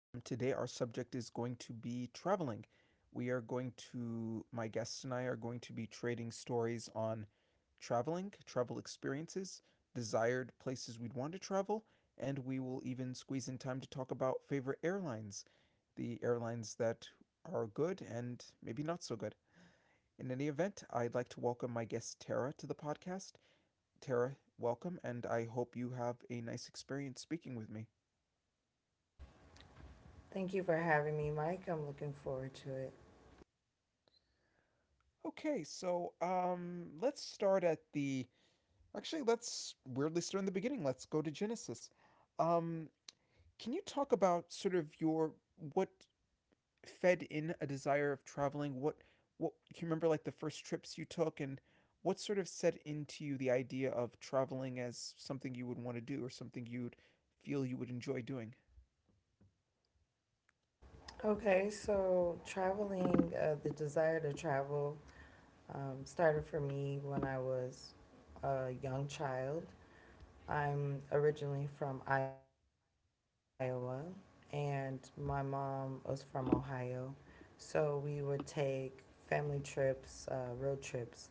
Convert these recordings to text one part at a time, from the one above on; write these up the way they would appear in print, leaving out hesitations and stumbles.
Today, our subject is going to be traveling. We are going to, my guests and I are going to be trading stories on traveling, travel experiences, desired places we'd want to travel, and we will even squeeze in time to talk about favorite airlines, the airlines that are good and maybe not so good. In any event, I'd like to welcome my guest Tara to the podcast. Tara, welcome, and I hope you have a nice experience speaking with me. Thank you for having me, Mike. I'm looking forward to it. Okay, so let's start at the. Actually, let's weirdly start in the beginning. Let's go to Genesis. Um, can you talk about sort of your what fed in a desire of traveling? What do you remember like the first trips you took and what sort of set into you the idea of traveling as something you would want to do or something you'd feel you would enjoy doing? Okay, so traveling, the desire to travel started for me when I was a young child. I'm originally from Iowa, and my mom was from Ohio. So we would take family trips, road trips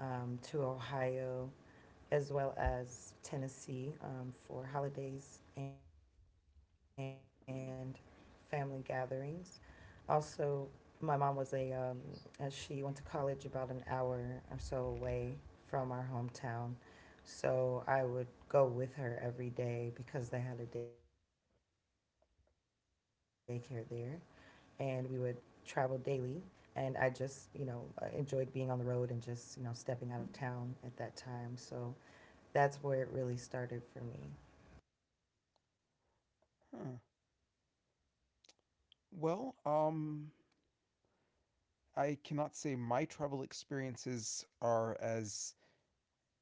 to Ohio as well as Tennessee for holidays and family gatherings. Also, my mom, she went to college about an hour or so away from our hometown. So I would go with her every day because they had a daycare there. And we would travel daily. And I just, you know, enjoyed being on the road and just, you know, stepping out of town at that time. So that's where it really started for me. Huh. Well, I cannot say my travel experiences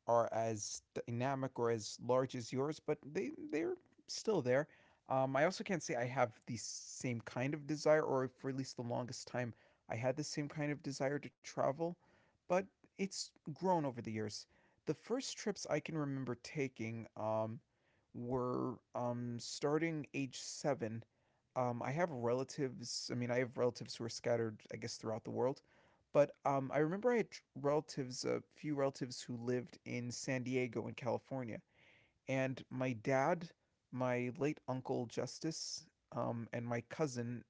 are as dynamic or as large as yours, but they're still there. I also can't say I have the same kind of desire, or for at least the longest time, I had the same kind of desire to travel, but it's grown over the years. The first trips I can remember taking were starting age 7. I have relatives, I mean, I have relatives who are scattered, I guess, throughout the world, but I remember I had relatives, a few relatives who lived in San Diego in California. And my dad, my late uncle Justice, and my cousin,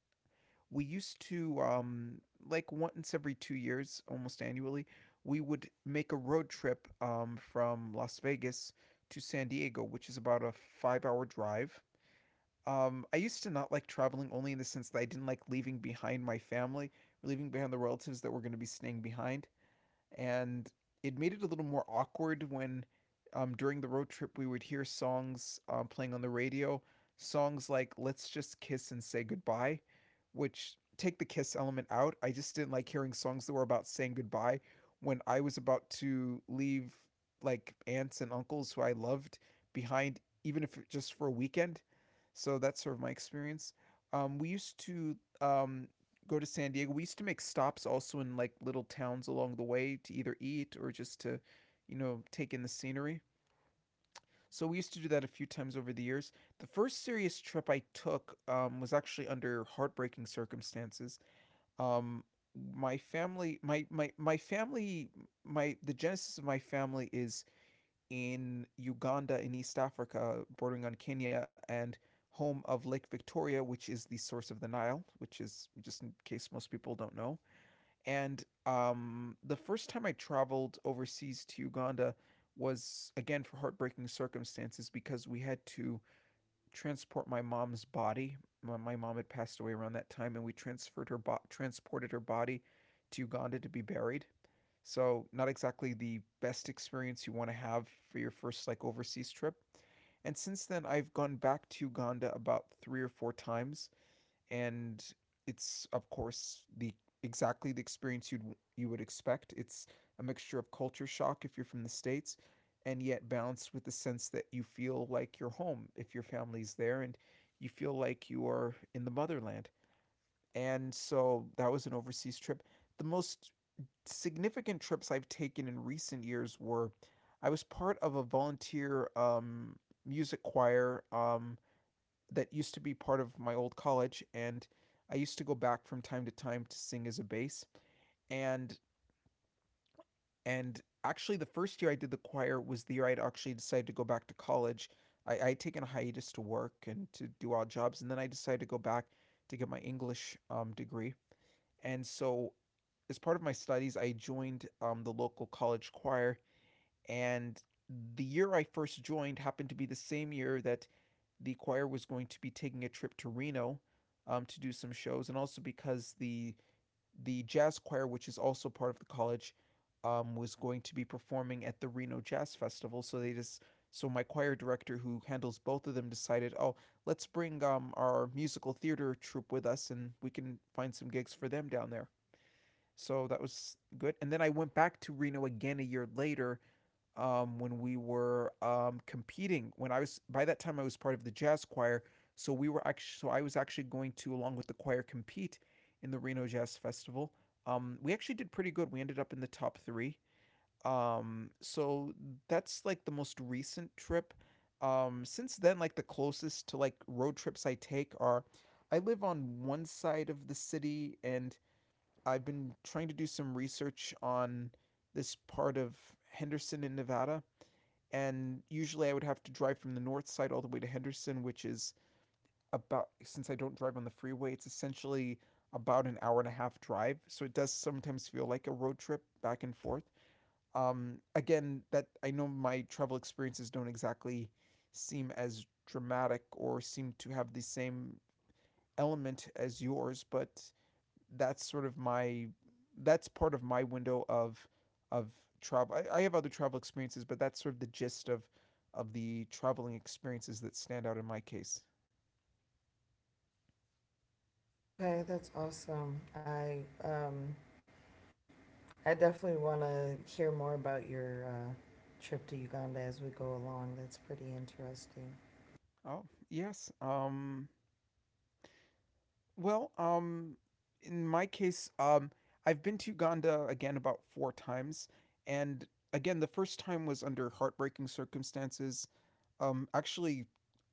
we used to, like once every 2 years, almost annually, we would make a road trip from Las Vegas to San Diego, which is about a 5-hour drive. I used to not like traveling only in the sense that I didn't like leaving behind my family, leaving behind the relatives that were going to be staying behind, and it made it a little more awkward when, during the road trip, we would hear songs playing on the radio, songs like "Let's Just Kiss and Say Goodbye," which take the kiss element out. I just didn't like hearing songs that were about saying goodbye when I was about to leave like aunts and uncles who I loved behind, even if just for a weekend. So that's sort of my experience. We used to go to San Diego, we used to make stops also in like little towns along the way to either eat or just to, you know, take in the scenery. So we used to do that a few times over the years. The first serious trip I took was actually under heartbreaking circumstances. Um, my family, my family, my the genesis of my family is in Uganda in East Africa, bordering on Kenya, and home of Lake Victoria, which is the source of the Nile, which is just in case most people don't know. And the first time I traveled overseas to Uganda was again for heartbreaking circumstances because we had to transport my mom's body. My mom had passed away around that time, and we transferred transported her body to Uganda to be buried. So not exactly the best experience you want to have for your first like overseas trip. And since then, I've gone back to Uganda about three or four times, and it's of course the exactly the experience you would expect. It's a mixture of culture shock if you're from the states, and yet balanced with the sense that you feel like you're home if your family's there, and you feel like you are in the motherland. And so that was an overseas trip. The most significant trips I've taken in recent years were, I was part of a volunteer music choir that used to be part of my old college, and I used to go back from time to time to sing as a bass, and actually the first year I did the choir was the year I'd actually decided to go back to college. I'd taken a hiatus to work and to do odd jobs, and then I decided to go back to get my English degree. And so as part of my studies I joined the local college choir, and the year I first joined happened to be the same year that the choir was going to be taking a trip to Reno to do some shows, and also because the jazz choir, which is also part of the college, was going to be performing at the Reno Jazz Festival. So they just So my choir director, who handles both of them, decided, oh, let's bring our musical theater troupe with us, and we can find some gigs for them down there. So that was good. And then I went back to Reno again a year later when we were competing. When I was by that time I was part of the jazz choir, so we were actually so I was actually going to, along with the choir, compete in the Reno Jazz Festival. We actually did pretty good. We ended up in the top three. So that's like the most recent trip. Since then, like the closest to like road trips I take are, I live on one side of the city, and I've been trying to do some research on this part of Henderson in Nevada, and usually I would have to drive from the north side all the way to Henderson, which is about, since I don't drive on the freeway, it's essentially about an hour and a half drive. So it does sometimes feel like a road trip back and forth. Again, that, I know my travel experiences don't exactly seem as dramatic or seem to have the same element as yours, but that's sort of my that's part of my window of of travel. I have other travel experiences, but that's sort of the gist of the traveling experiences that stand out in my case. Okay, that's awesome. I definitely want to hear more about your trip to Uganda as we go along. That's pretty interesting. Oh yes. Well. In my case, I've been to Uganda again about four times, and again the first time was under heartbreaking circumstances. Actually,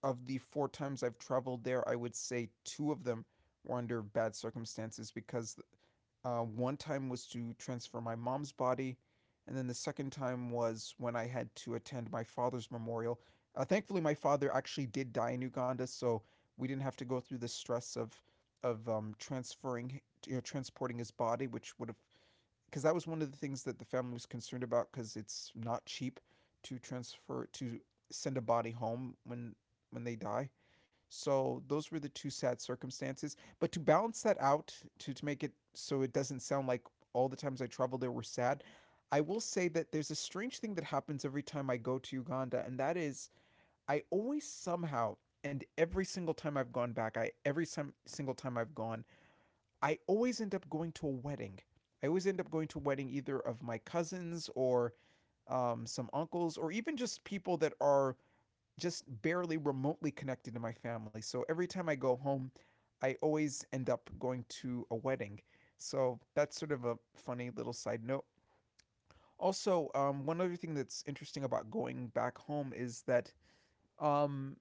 of the four times I've traveled there, I would say two of them were under bad circumstances because one time was to transfer my mom's body, and then the second time was when I had to attend my father's memorial. Thankfully, my father actually did die in Uganda, so we didn't have to go through the stress of transferring, you know, transporting his body, which would have, because that was one of the things that the family was concerned about, because it's not cheap to transfer to send a body home when they die. So those were the two sad circumstances. But to balance that out, to make it so it doesn't sound like all the times I traveled there were sad, I will say that there's a strange thing that happens every time I go to Uganda, and that is, I always somehow, and every single time I've gone back, I every time, single time I've gone, I always end up going to a wedding. I always end up going to a wedding either of my cousins or some uncles, or even just people that are just barely remotely connected to my family. So every time I go home, I always end up going to a wedding. So that's sort of a funny little side note. Also, one other thing that's interesting about going back home is that, um,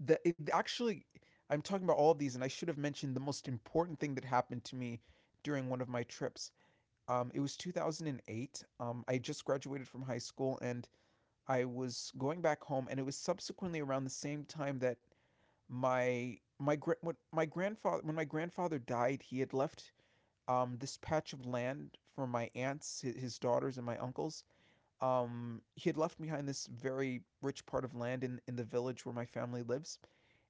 the it actually I'm talking about all of these, and I should have mentioned the most important thing that happened to me during one of my trips. It was 2008. I just graduated from high school, and I was going back home, and it was subsequently around the same time that my gra- what my grandfather when my grandfather died, he had left this patch of land for my aunts, his daughters, and my uncles. He had left behind this very rich part of land in the village where my family lives.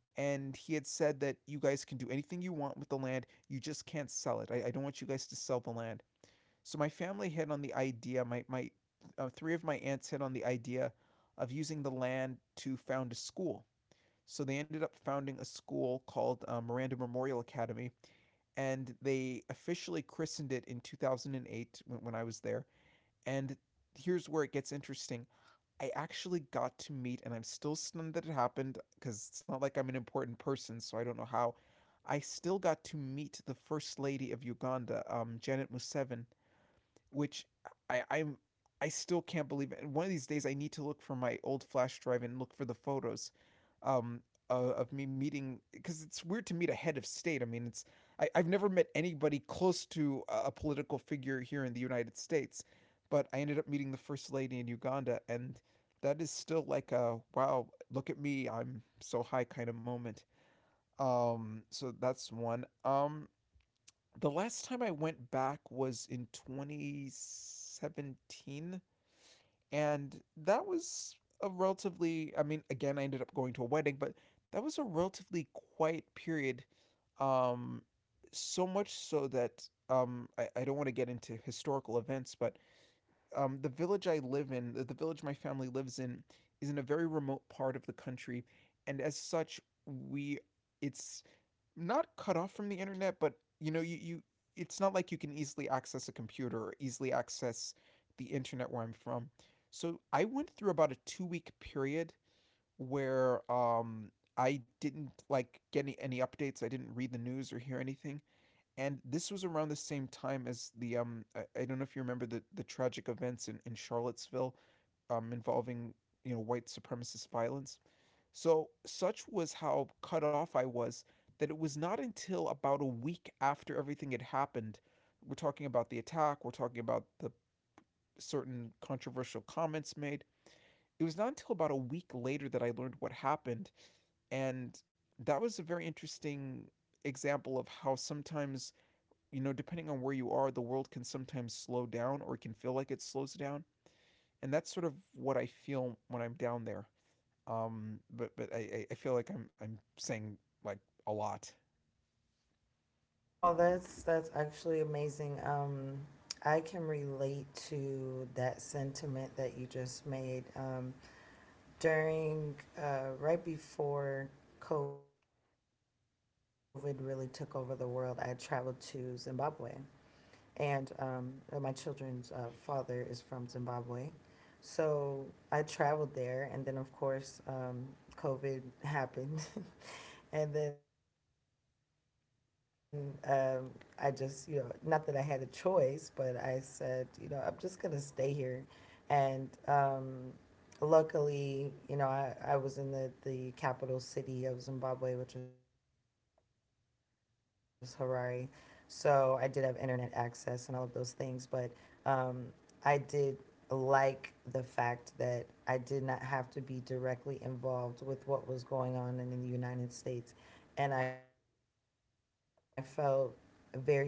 And he had said that you guys can do anything you want with the land. You just can't sell it. I don't want you guys to sell the land. So my family hit on the idea. My three of my aunts hit on the idea of using the land to found a school. So they ended up founding a school called Miranda Memorial Academy, and they officially christened it in 2008 when I was there. And here's where it gets interesting. I actually got to meet, and I'm still stunned that it happened because it's not like I'm an important person, so I don't know how. I still got to meet the first lady of Uganda, Janet Museveni, which I, I'm I still can't believe it. One of these days, I need to look for my old flash drive and look for the photos um, of me meeting because it's weird to meet a head of state. I mean, I've never met anybody close to a political figure here in the United States, but I ended up meeting the first lady in Uganda, and that is still like a wow, look at me, I'm so high kind of moment. So That's that's one. amazing. The last time I went back was in 2017, and that was a relatively. I mean, again, I ended up going to a wedding, but that was a relatively quiet period. Um, so much so that I don't want to get into historical events, but the village I live in, the village my family lives in, is in a very remote part of the country, and as such, we it's not cut off from the internet, but you know, you it's not like you can easily access a computer or easily access the internet where I'm from. So I went through about a 2-week period where I didn't like get any updates. I didn't read the news or hear anything. And this was around the same time as I don't know if you remember the tragic events in Charlottesville involving, white supremacist violence. So, such was how cut off I was that it was not until about a week after everything had happened. We're talking about the attack, we're talking about the certain controversial comments made. It was not until about a week later that I learned what happened. And that was a very interesting example of how sometimes, depending on where you are, the world can sometimes slow down or it can feel like it slows down. And that's sort of what I feel when I'm down there. But I feel like I'm saying like a lot. No, that's actually amazing. I can relate to that sentiment that you just made. During right before COVID really took over the world, I traveled to Zimbabwe and my children's father is from Zimbabwe. So I traveled there, and then of course, COVID happened, and then I just, you know, not that I had a choice, but I said, you know, I'm just gonna stay here and luckily, you know, I was in the capital city of Zimbabwe, which is Harare. So I did have internet access and all of those things, but um, I did like the fact that I did not have to be directly involved with what was going on in the United States. And I felt very safe. Like, I just,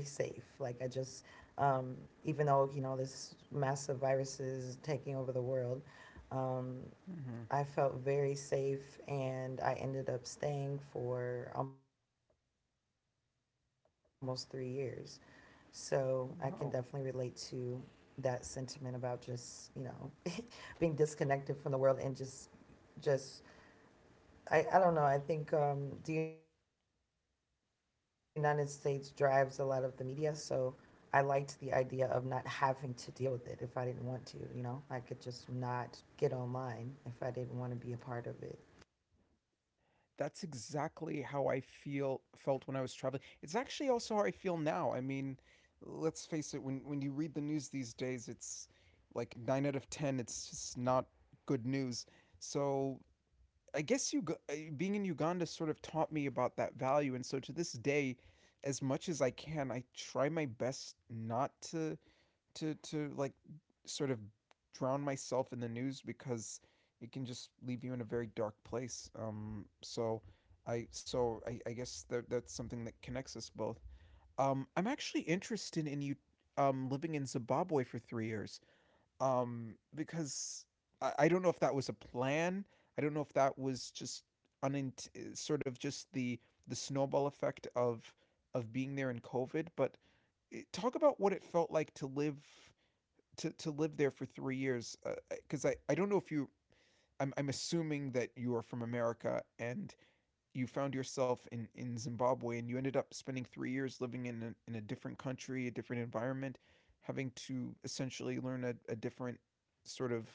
um, even though, you know, this massive virus is taking over the world, um, Hmm. I felt very safe and I ended up staying for almost 3 years. So I can definitely relate to Wow, that sentiment about just, you know, being disconnected from the world and just I don't know. I think the United States drives a lot of the media, so I liked the idea of not having to deal with it. If I didn't want to, you know, I could just not get online if I didn't want to be a part of it. that's exactly how I feel felt when I was traveling. It's actually also how I feel now. I mean, let's face it. When you read the news these days, it's like nine out of ten. It's just not good news. So I guess you being in Uganda sort of taught me about that value, and so to this day, as much as I can, I try my best not to like sort of drown myself in the news because it can just leave you in a very dark place. So I guess that that's something that connects us both. I'm actually interested in you living in Zimbabwe for 3 years because I don't know if that was a plan. I don't know if that was just sort of just the snowball effect of being there in COVID. But talk about what it felt like to live there for 3 years because I don't know if you I'm assuming that you are from America and you found yourself in Zimbabwe and you ended up spending 3 years living in a different country, a different environment, having to essentially learn a different sort of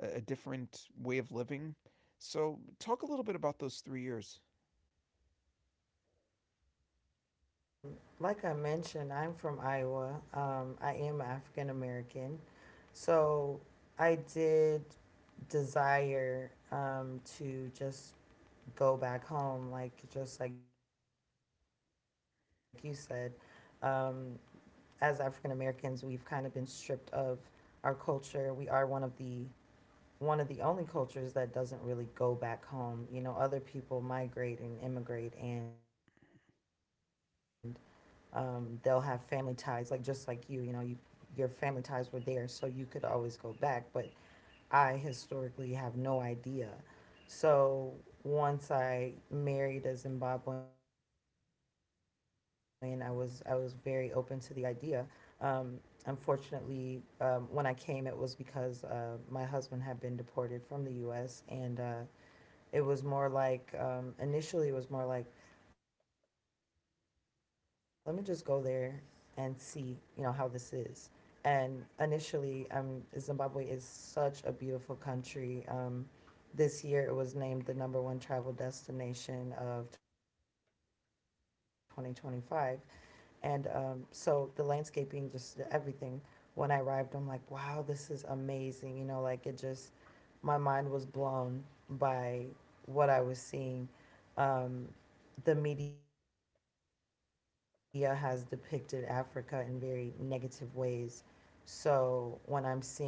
a different way of living. So talk a little bit about those 3 years. Okay, so like I mentioned, I'm from Iowa. I am African American. So I did desire to just go back home, like just like you said. Um, as African Americans, we've kind of been stripped of our culture. We are one of the only cultures that doesn't really go back home. You know, other people migrate and immigrate and they'll have family ties, like just like you know, you your family ties were there, so you could always go back. But I historically have no idea. So once I married a Zimbabwean, I was very open to the idea. Um, unfortunately, when I came, it was because my husband had been deported from the U.S. And it was more like initially it was more like, let me just go there and see, you know, how this is. And initially, Zimbabwe is such a beautiful country. This year, it was named the number one travel destination of 2025, and so the landscaping, just everything. When I arrived, I'm like, wow, this is amazing. You know, like it just my mind was blown by what I was seeing. Um, the media has depicted Africa in very negative ways. So when I'm seeing, you know,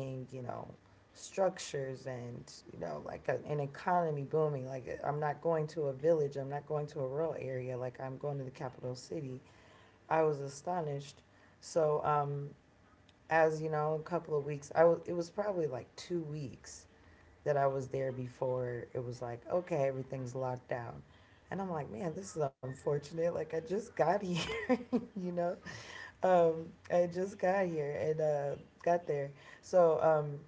structures and, you know, like an economy booming, like I'm not going to a village, I'm not going to a rural area, like I'm going to the capital city, I was astonished. So, as you know, a couple of weeks, it was probably like 2 weeks that I was there before, it was like, okay, everything's locked down. And I'm like, man, this is unfortunate. Like, I just got here, you know? Um, I just got here and got there. So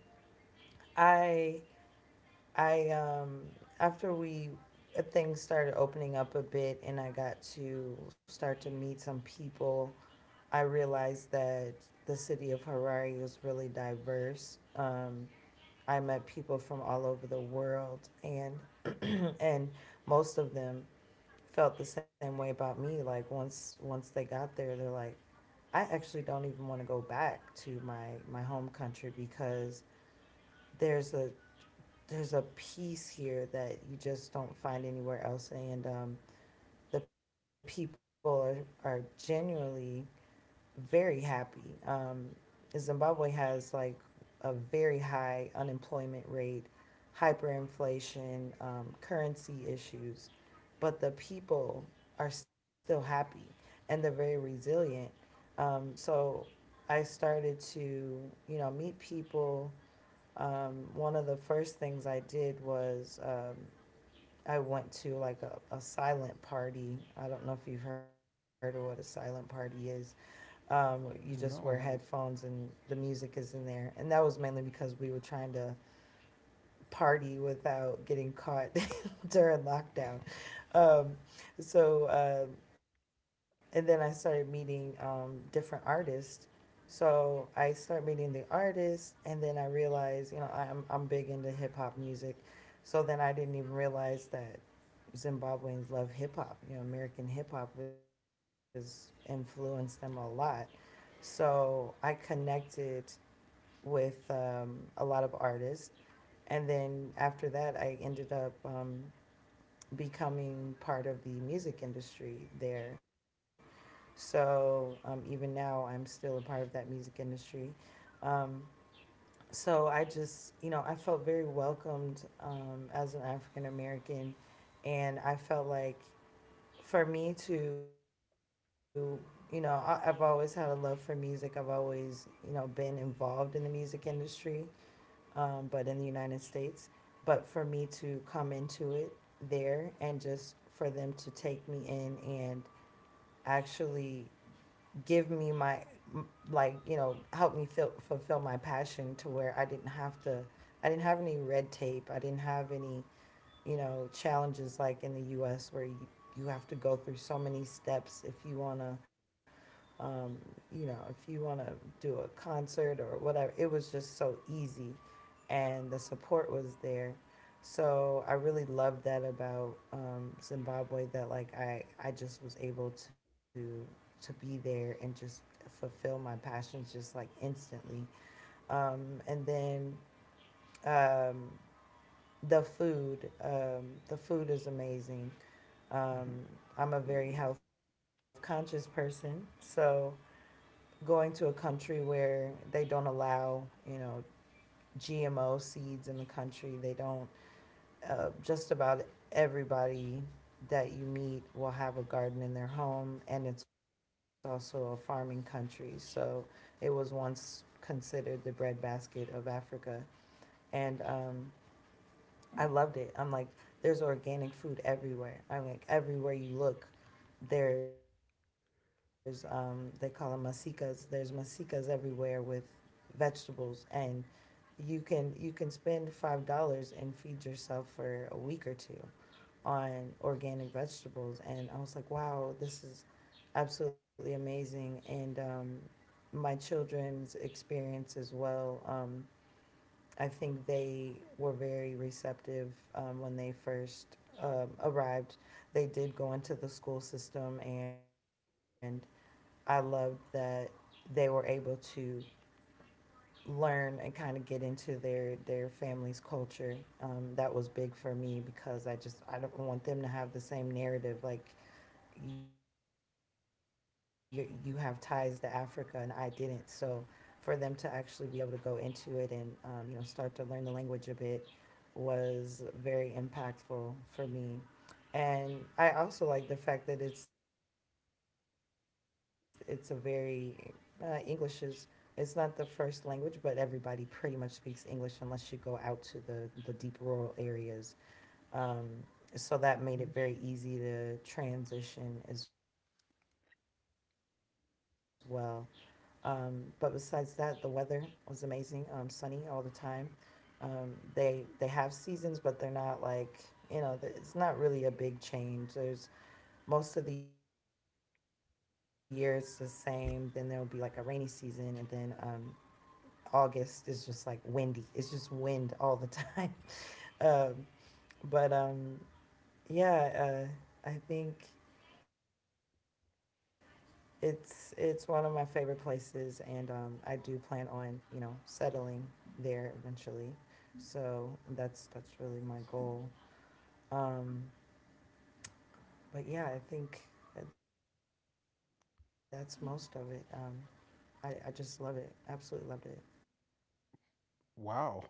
I, I after we, things started opening up a bit and I got to start to meet some people, I realized that the city of Harare was really diverse. I met people from all over the world and and most of them felt the same way about me. Like, once they got there, they're like, I actually don't even want to go back to my home country because there's a there's a peace here that you just don't find anywhere else. And the people are genuinely very happy. Zimbabwe has like a very high unemployment rate, hyperinflation, currency issues, but the people are still happy and they're very resilient. So I started to, you know, meet people. One of the first things I did was I went to like a silent party. I don't know if you've heard of what a silent party is. You No, just I wear haven't. headphones and the music is in there. And that was mainly because we were trying to party without getting caught during lockdown. Um, so, um, and then I started meeting different artists. So I started meeting the artists, and then I realized, you know, I'm big into hip hop music. So then I didn't even realize that Zimbabweans love hip hop. You know, American hip hop has influenced them a lot. So I connected with a lot of artists, and then after that, I ended up becoming part of the music industry there. So even now, I'm still a part of that music industry. Um, so I just, you know, I felt very welcomed as an African American. And I felt like for me to, you know, I, I've always had a love for music. I've always, you know, been involved in the music industry but in the United States. But for me to come into it there and just for them to take me in and actually give me my, like, you know, help me feel, fulfill my passion to where I didn't have to, I didn't have any red tape. I didn't have any, you know, challenges like in the US where you have to go through so many steps if you want to um, you know, if you want to do a concert or whatever, it was just so easy and the support was there. So I really loved that about Zimbabwe that like I just was able to be there and just fulfill my passions just like instantly. And then um, the food is amazing. Mm-hmm. Um, I'm a very health conscious person, so going to a country where they don't allow, you know, GMO seeds in the country. They don't, just about everybody that you meet will have a garden in their home, and it's also a farming country. So it was once considered the breadbasket of Africa. And I loved it. I'm like, there's organic food everywhere. I'm like, everywhere you look, there's they call them masicas. There's masicas everywhere with vegetables, and you can spend $5 and feed yourself for a week or two on organic vegetables. And I was like, wow, this is absolutely amazing. And my children's experience as well. I think they were very receptive when they first arrived. They did go into the school system, and I loved that they were able to learn and kind of get into their family's culture. That was big for me because I just, I don't want them to have the same narrative. Like, you have ties to Africa and I didn't. So for them to actually be able to go into it and you know, start to learn the language a bit was very impactful for me. And I also like the fact that it's a very English is it's not the first language, but everybody pretty much speaks English unless you go out to the deep rural areas, um, so that made it Mm-hmm. very easy to transition as well. But besides that, the weather was amazing, sunny all the time. They have seasons, but they're not like, you know, it's not really a big change. There's most of the year it's the same. Then there'll be like a rainy season, and then August is just like windy. It's just wind all the time. um, but yeah, I think it's one of my favorite places, and I do plan on, you know, settling there eventually. So that's really my goal. Um, but yeah, I think that's most of it. I just love it. Absolutely loved it. Wow.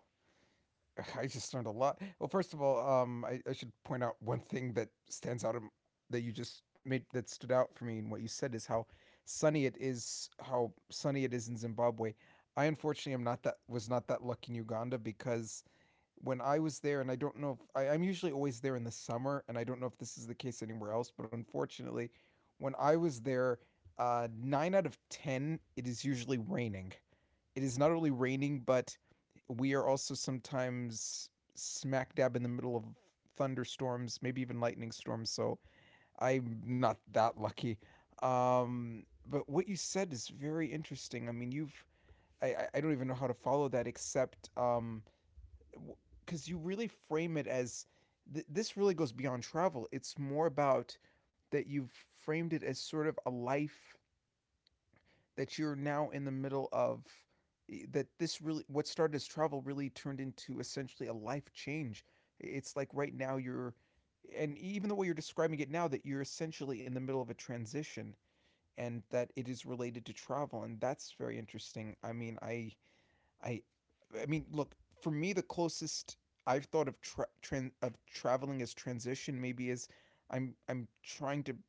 I just learned a lot. Well, first of all, I should point out one thing that stands out that you just made that stood out for me in what you said is how sunny it is, how sunny it is in Zimbabwe. I unfortunately am not that was not that lucky in Uganda because when I was there, and I don't know if I'm usually always there in the summer, and I don't know if this is the case anywhere else, but unfortunately, when I was there, nine out of ten, it is usually raining. It is not only raining, but we are also sometimes smack dab in the middle of thunderstorms, maybe even lightning storms. So I'm not that lucky. But what you said is very interesting. I mean, I don't even know how to follow that except because you really frame it as this really goes beyond travel. It's more about that you've framed it as sort of a life that you're now in the middle of, that this really, what started as travel really turned into essentially a life change. It's like right now you're, and even the way you're describing it now, that you're essentially in the middle of a transition, and that it is related to travel. And that's very interesting. I mean i i i mean look. For me, the closest I've thought of traveling as transition maybe is, I'm trying to,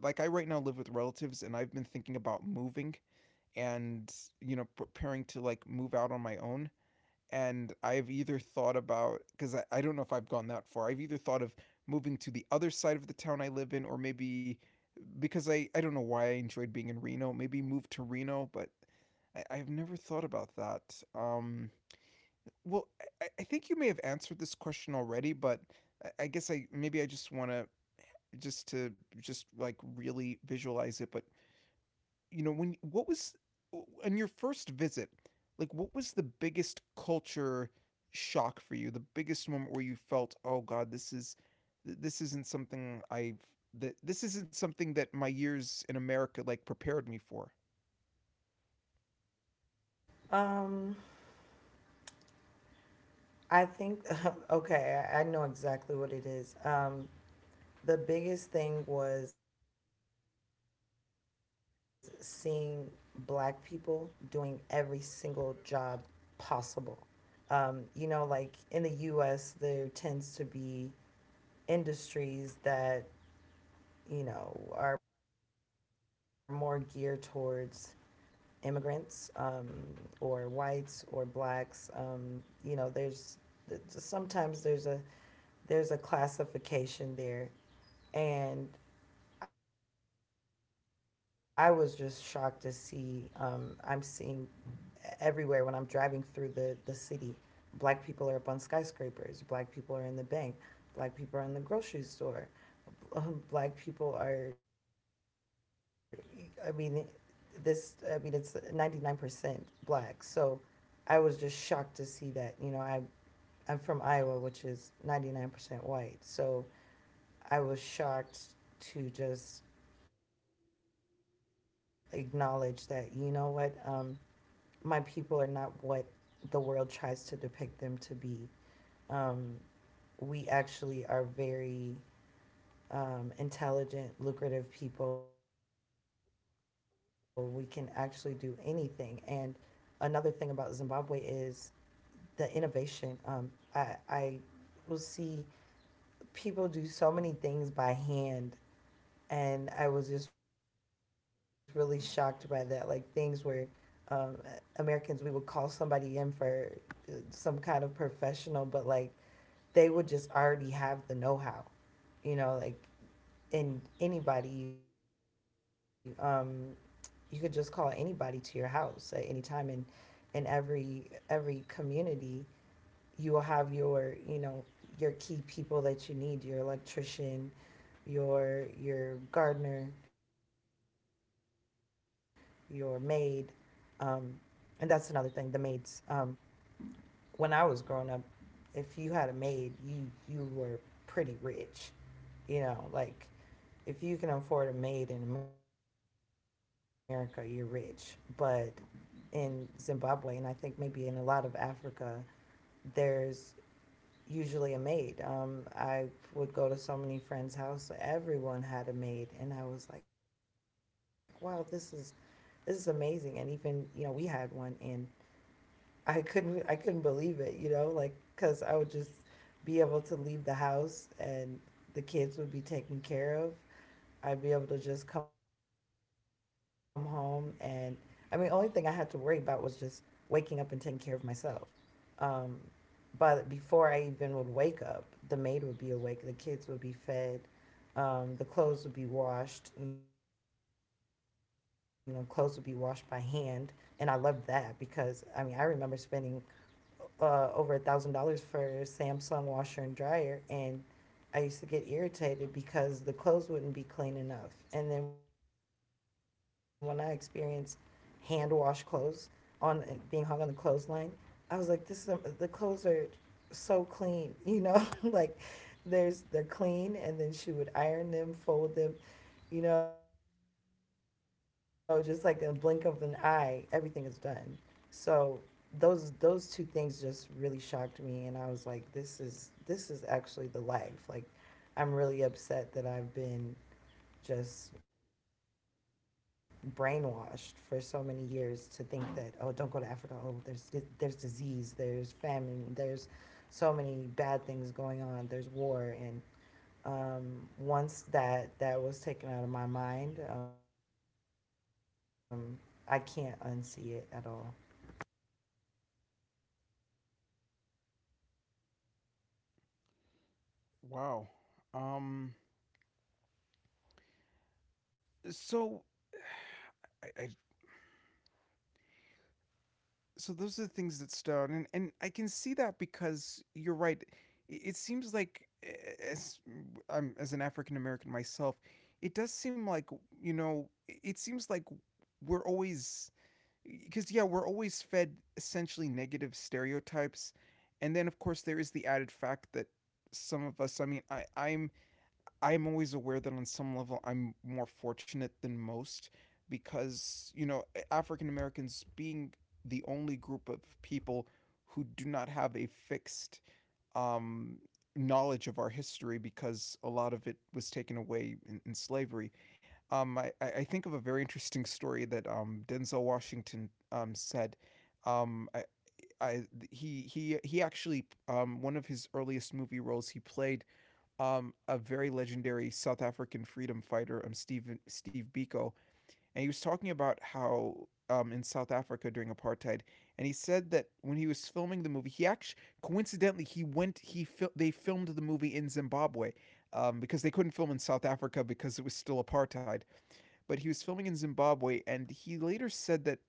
like, I right now live with relatives, and I've been thinking about moving, and preparing to like move out on my own. And I've either thought about, because I don't know if I've gone that far, I've either thought of moving to the other side of the town I live in, or maybe, because I don't know why, I enjoyed being in Reno, maybe move to Reno. But I've never thought about that. Well, I think you may have answered this question already, but I guess I, maybe I just want to, just like really visualize it. But when, what was on your first visit, like, what was the biggest culture shock for you, the biggest moment where you felt, oh god, this isn't something I've that this isn't something that my years in America like prepared me for. Um, I think okay, I know exactly what it is. The biggest thing was seeing black people doing every single job possible. You know, like in the US, there tends to be industries that, you know, are more geared towards immigrants or whites or blacks. You know, there's sometimes there's a classification there, and I was just shocked to see. I'm seeing everywhere when I'm driving through the city. Black people are up on skyscrapers. Black people are in the bank. Black people are in the grocery store. Black people are, I mean, this, I mean, it's 99% black. So I was just shocked to see that. I'm from Iowa, which is 99% white. So I was shocked to just acknowledge that, you know what, my people are not what the world tries to depict them to be. Um, we actually are very intelligent, lucrative people. We can actually do anything. And another thing about Zimbabwe is the innovation. I will see people do so many things by hand, and I was just really shocked by that. Like things where um, Americans, we would call somebody in for some kind of professional, but like they would just already have the know-how, you know, like in anybody you could just call anybody to your house at any time, and in every community you will have your, you know, your key people that you need: your electrician, your gardener, your maid, um, and that's another thing, the maids. When I was growing up, if you had a maid, you were pretty rich. You know, like if you can afford a maid in America, you're rich. But in Zimbabwe, and I think maybe in a lot of Africa, there's usually a maid. I would go to so many friends' house. Everyone had a maid, and I was like, wow, this is amazing. And even, you know, we had one, and I couldn't believe it. You know, like because I would just be able to leave the house, and the kids would be taken care of. I'd be able to just come home, and I mean, only thing I had to worry about was just waking up and taking care of myself. Um, but before I even would wake up, the maid would be awake, the kids would be fed, the clothes would be washed, you know, clothes would be washed by hand. And I loved that because, I mean, I remember spending over $1,000 for a Samsung washer and dryer, and I used to get irritated because the clothes wouldn't be clean enough. And then when I experienced hand wash clothes on being hung on the clothesline, I was like, this is the clothes are so clean, you know, like there's they're clean, and then she would iron them, fold them, you know, just like in a blink of an eye, everything is done. So those two things just really shocked me, and I was like, this is actually the life. Like, I'm really upset that I've been just brainwashed for so many years to think that, oh, don't go to Africa, oh, there's disease, there's famine, there's so many bad things going on, there's war, and once that was taken out of my mind, I can't unsee it at all. Wow. Um, so I so those are the things that stood out, and I can see that because you're right. It seems like, as as an African American myself, it does seem like, it seems like we're always, because yeah, we're always fed essentially negative stereotypes. And then of course there is the added fact that some of us, I mean, I am always aware that on some level I'm more fortunate than most because, you know, African Americans being the only group of people who do not have a fixed um, knowledge of our history because a lot of it was taken away in slavery. I think of a very interesting story that Denzel Washington said. Um, I, I, he actually, one of his earliest movie roles, he played a very legendary South African freedom fighter, Steve Biko, and he was talking about how in South Africa during apartheid, and he said that when he was filming the movie, he actually coincidentally he went he fil- they filmed the movie in Zimbabwe. Because they couldn't film in South Africa because it was still apartheid. But he was filming in Zimbabwe, and he later said that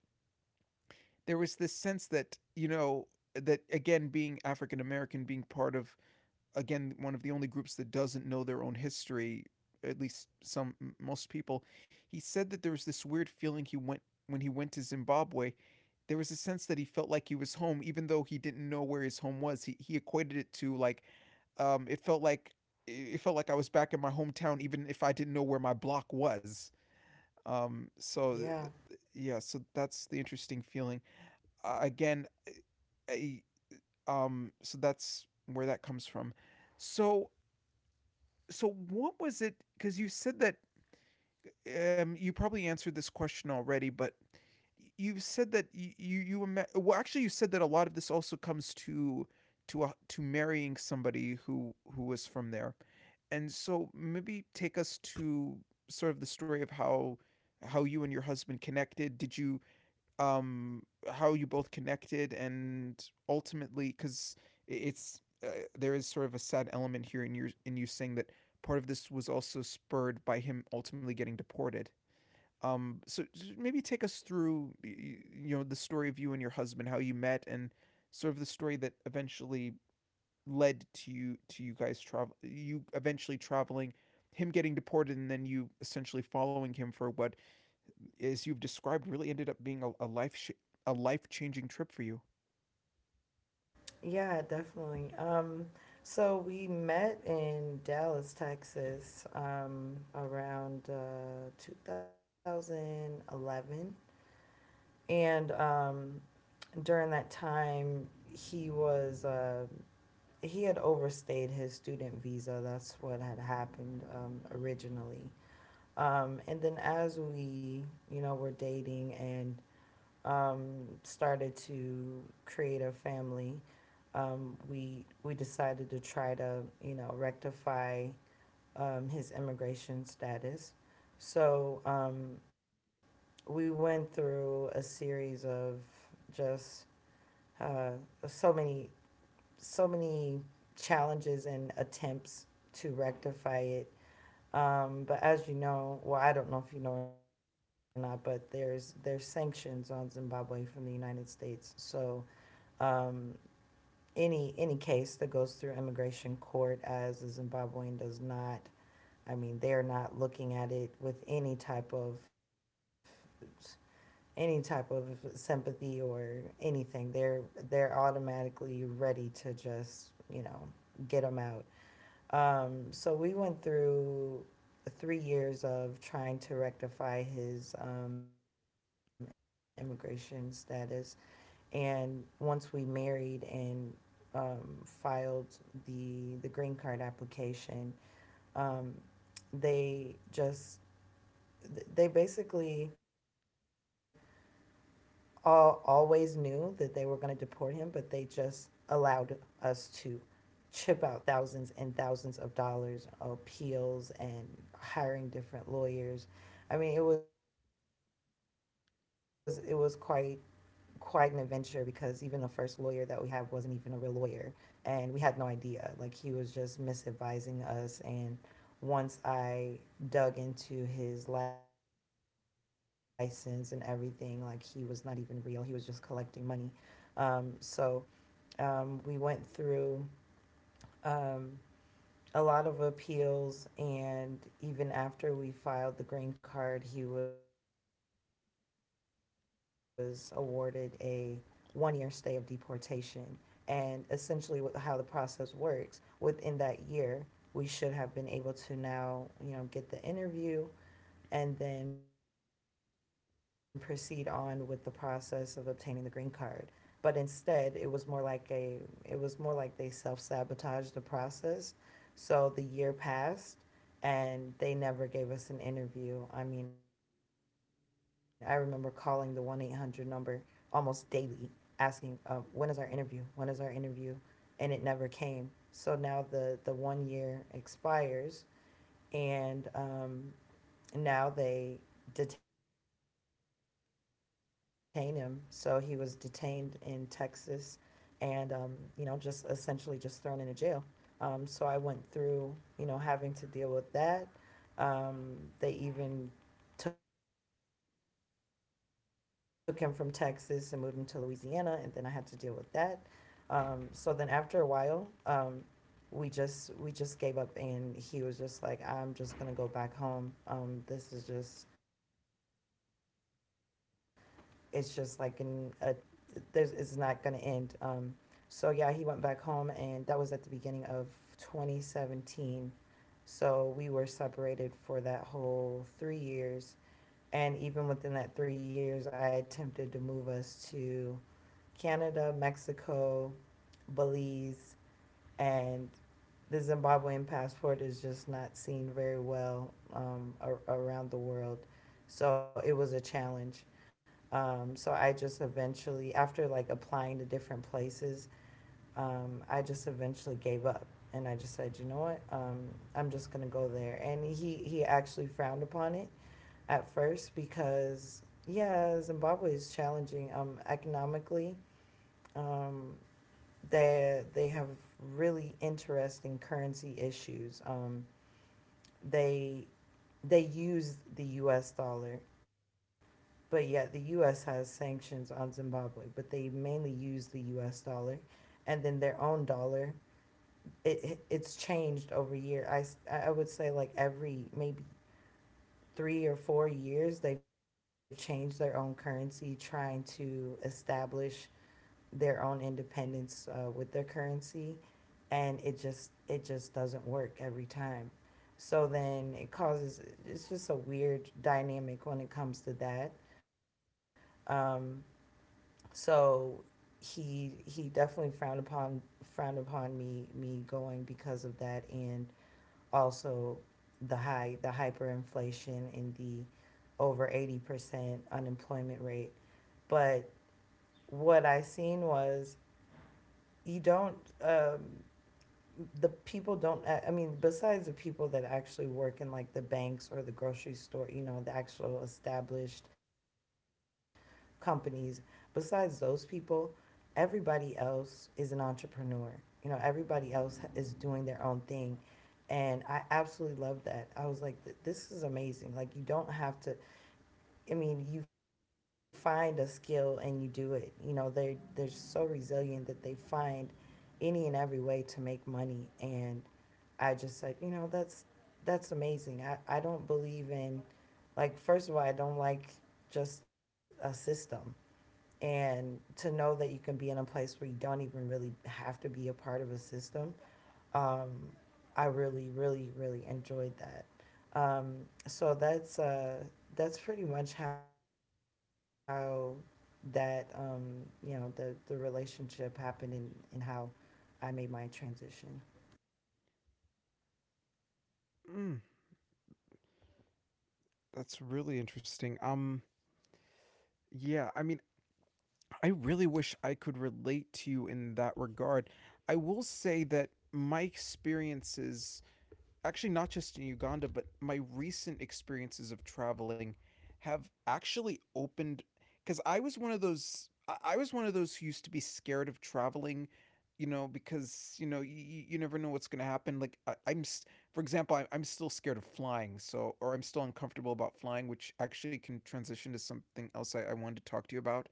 there was this sense that, you know, that again, being African American, being part of, again, one of the only groups that doesn't know their own history, at least some, most people, he said that there was this weird feeling he went when he went to Zimbabwe, there was a sense that he felt like he was home even though he didn't know where his home was. He equated it to like, it felt like, I was back in my hometown, even if I didn't know where my block was. Yeah. Yeah, so that's the interesting feeling. Again, I, so that's where that comes from. So so what was it? Because you said that you probably answered this question already, but you said that well, actually, you said that a lot of this also comes to, to marrying somebody who was from there, and so maybe take us to sort of the story of how you and your husband connected. Did you um, how you both connected, and ultimately, because it's uh, there is sort of a sad element here in you, saying that part of this was also spurred by him ultimately getting deported. So maybe take us through, you know, the story of you and your husband, how you met, and sort of the story that eventually led to you guys travel, you eventually traveling, him getting deported, and then you essentially following him for what as you've described, really ended up being a a life changing trip for you. Yeah, definitely. So we met in Dallas, Texas, around 2011, and during that time he was he had overstayed his student visa, that's what had happened, originally. And then as we, you know, were dating and started to create a family, um, we decided to try to, you know, rectify his immigration status. So we went through a series of just uh, so many so many challenges and attempts to rectify it. But as you know, well, I don't know if you know or not, but there's sanctions on Zimbabwe from the United States. So um, any case that goes through immigration court as a Zimbabwean does not. I mean, they're not looking at it with any type of sympathy or anything. They're automatically ready to just, you know, get them out. So we went through 3 years of trying to rectify his immigration status, and once we married and filed the green card application, um, they just they basically all always knew that they were going to deport him, but they just allowed us to chip out thousands and thousands of dollars appeals and hiring different lawyers. I mean, it was quite an adventure, because even the first lawyer that we had wasn't even a real lawyer, and we had no idea. Like he was just misadvising us. And once I dug into his license and everything, like he was not even real. He was just collecting money. So we went through um, a lot of appeals, and even after we filed the green card, he was awarded a 1 year stay of deportation. And essentially how the process works, within that year we should have been able to now, you know, get the interview and then proceed on with the process of obtaining the green card. But instead, it was more like a, it was more like they self sabotaged the process. So the year passed, and they never gave us an interview. I mean, I remember calling the 1-800 number almost daily, asking, when is our interview? When is our interview? And it never came. So now the 1 year expires, and now they detain him. So he was detained in Texas, and you know, just essentially just thrown into jail. So I went through, you know, having to deal with that. um, they even took him from Texas and moved him to Louisiana, and then I had to deal with that. So then after a while, we just gave up, and he was just like, I'm just gonna go back home. Um, this is just it's just like an a, there's it's not gonna end. So yeah, he went back home, and that was at the beginning of 2017. So we were separated for that whole 3 years. And even within that 3 years, I attempted to move us to Canada, Mexico, Belize, and the Zimbabwean passport is just not seen very well ar- around the world. So it was a challenge. So I just eventually, after like applying to different places, I just eventually gave up. And I just said, you know what? I'm just going to go there. And he actually frowned upon it at first, because, yeah, Zimbabwe is challenging economically. Um, they have really interesting currency issues. They, they use the US dollar, but yet the US has sanctions on Zimbabwe, but they mainly use the US dollar and then their own dollar. It's changed over year. I would say like every maybe 3 or 4 years they've changed their own currency, trying to establish their own independence with their currency, and it just doesn't work every time. So then it causes it's just a weird dynamic when it comes to that. Um, so he definitely frowned upon me going because of that, and also the hyperinflation and the over 80% unemployment rate. But what I seen was, you don't, the people don't, I mean besides the people that actually work in like the banks or the grocery store, you know, the actual established companies, besides those people, everybody else is an entrepreneur. You know, everybody else is doing their own thing. And I absolutely love that. I was like, this is amazing. Like, you don't have to, I mean, you find a skill and you do it. You know, they're so resilient that they find any and every way to make money. And I just said, you know, that's amazing. I don't believe in, like, first of all, I don't like just a system. And to know that you can be in a place where you don't even really have to be a part of a system, um, I really, really, really enjoyed that. Um, so that's pretty much how that you know, the relationship happened, and how I made my transition. Mm, that's really interesting. Yeah, I mean, I really wish I could relate to you in that regard. I will say that my experiences actually not just in Uganda, but my recent experiences of traveling have actually opened because I was one of those I- was one of those who used to be scared of traveling, you know, because you know you never know what's gonna happen. Like for example, I, I'm still scared of flying, so or I'm still uncomfortable about flying, which actually can transition to something else I wanted to talk to you about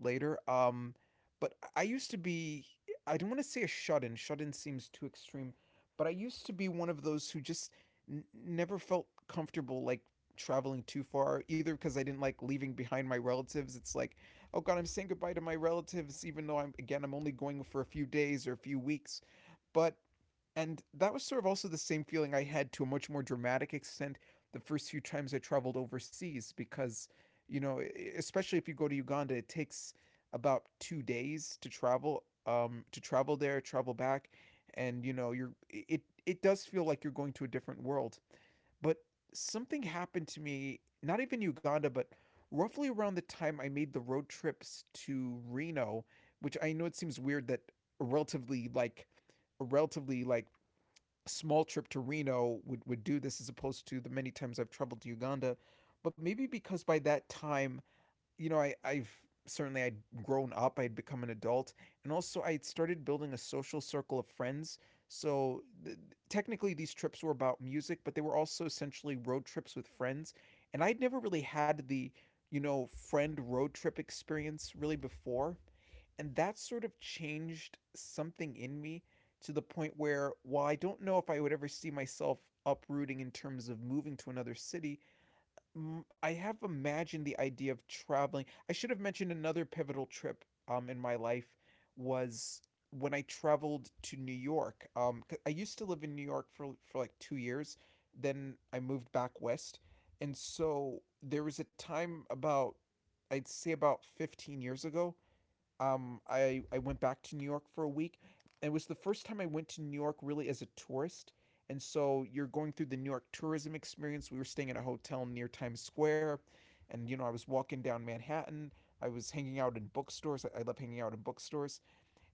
later. But I used to be, I don't want to say a shut in, shut in seems too extreme, but I used to be one of those who just never felt comfortable like traveling too far, either because I didn't like leaving behind my relatives. It's like, oh God, I'm saying goodbye to my relatives, even though I'm, again, I'm only going for a few days or a few weeks. But and that was sort of also the same feeling I had to a much more dramatic extent the first few times I traveled overseas because, you know, especially if you go to Uganda, it takes about 2 days to travel there, travel back, and you know, you're it it does feel like you're going to a different world. But something happened to me, not even Uganda, but roughly around the time I made the road trips to Reno, which I know it seems weird that a relatively like a relatively like a small trip to Reno would do this as opposed to the many times I've traveled to Uganda. But maybe because by that time, you know, I've certainly I'd grown up, I'd become an adult, and also I'd started building a social circle of friends. So technically, these trips were about music, but they were also essentially road trips with friends. And I'd never really had the, you know, friend road trip experience really before and that sort of changed something in me to the point where while I don't know if I would ever see myself uprooting in terms of moving to another city, mm, I have imagined the idea of traveling. I should have mentioned another pivotal trip in my life was when I traveled to New York. I used to live in New York for like 2 years, then I moved back west. And so there was a time about I'd say about 15 years ago, I went back to New York for a week. It was the first time I went to New York really as a tourist, and so you're going through the New York tourism experience. We were staying at a hotel near Times Square, and you know I was walking down Manhattan. I was hanging out in bookstores. I love hanging out in bookstores,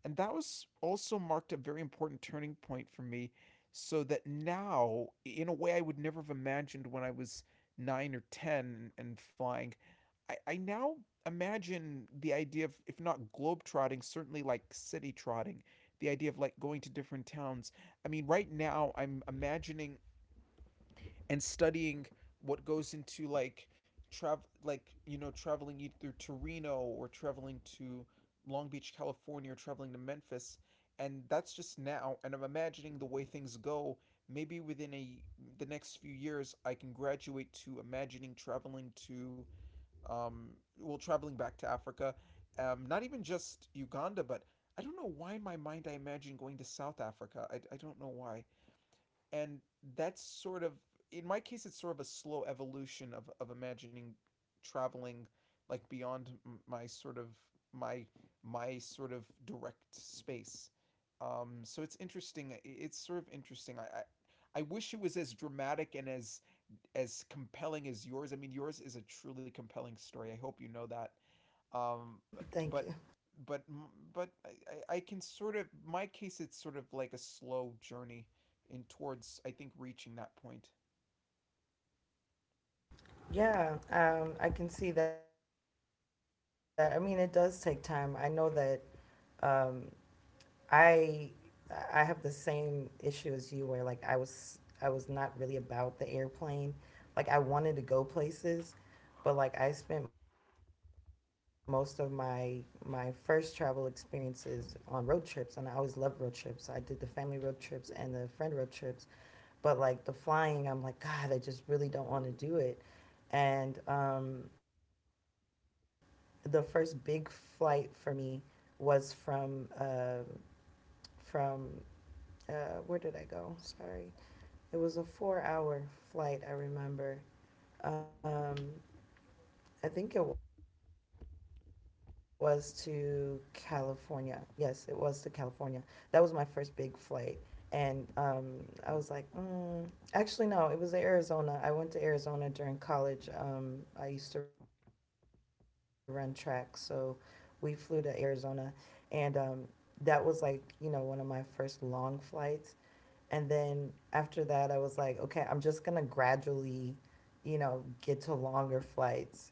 and that was also marked a very important turning point for me. So that now, in a way I would never have imagined when I was nine or ten and flying, I now imagine the idea of, if not globetrotting, certainly like city trotting, the idea of like going to different towns. I mean, right now I'm imagining and studying what goes into like travel, like, you know, traveling either to Reno or traveling to Long Beach, California, or traveling to Memphis. And that's just now. And I'm imagining the way things go. Maybe within a the next few years, I can graduate to imagining traveling to um, well, traveling back to Africa, not even just Uganda, but I don't know why in my mind I imagine going to South Africa. I don't know why. And that's sort of, in my case, it's sort of a slow evolution of imagining traveling like beyond my sort of my my sort of direct space. So it's interesting, it's sort of interesting I wish it was as dramatic and as compelling as yours. I mean, yours is a truly compelling story. I hope you know that. Um, Thank but you. but but I can sort of my case it's sort of like a slow journey in towards I think reaching that point. Yeah, I can see that. I mean, it does take time. I know that um, I I have the same issue as you, where like I was not really about the airplane. Like I wanted to go places, but like I spent most of my first travel experiences on road trips, and I always loved road trips. I did the family road trips and the friend road trips, but like the flying, I'm like, God, I just really don't want to do it. And The first big flight for me was from uh, where did I go? Sorry, it was a four-hour flight. I remember um, I think it was to California. Yes, it was to California. That was my first big flight. And I was like, mm. Actually, no, it was Arizona. I went to Arizona during college. I used to run track. So we flew to Arizona. And That was like, you know, one of my first long flights. And then after that, I was like, okay, I'm just going to gradually, you know, get to longer flights.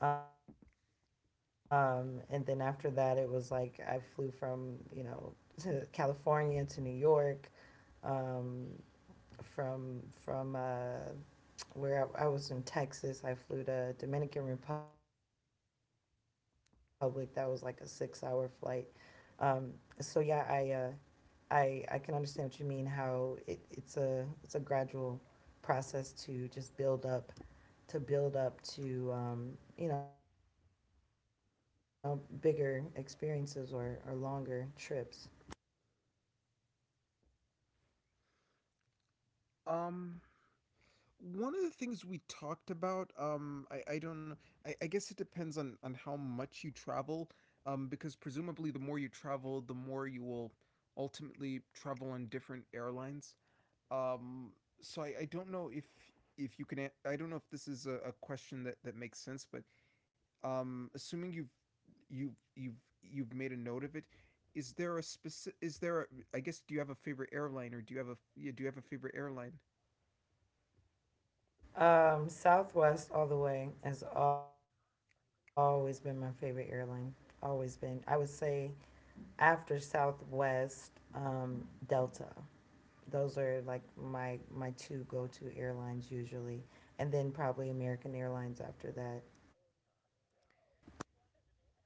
And then after that, it was like I flew from, you know, to California to New York, um, from where I was in Texas. I flew to Dominican Republic. That was like a 6 hour flight. Um, so yeah, I can understand what you mean. How it's a gradual process to just build up, to build up to you know, bigger experiences or longer trips. Um, One of the things we talked about, I don't know, I guess it depends on how much you travel, because presumably the more you travel, the more you will ultimately travel on different airlines. Um, so I don't know if you can. I don't know if this is a question that that makes sense, but assuming you've made a note of it. Is there a specific? Is there? I guess. Do you have a favorite airline, or do you have a? Yeah, do you have a favorite airline? Southwest all the way has always been my favorite airline. Always been. I would say after Southwest, Delta. Those are like my two go to airlines usually, and then probably American Airlines after that.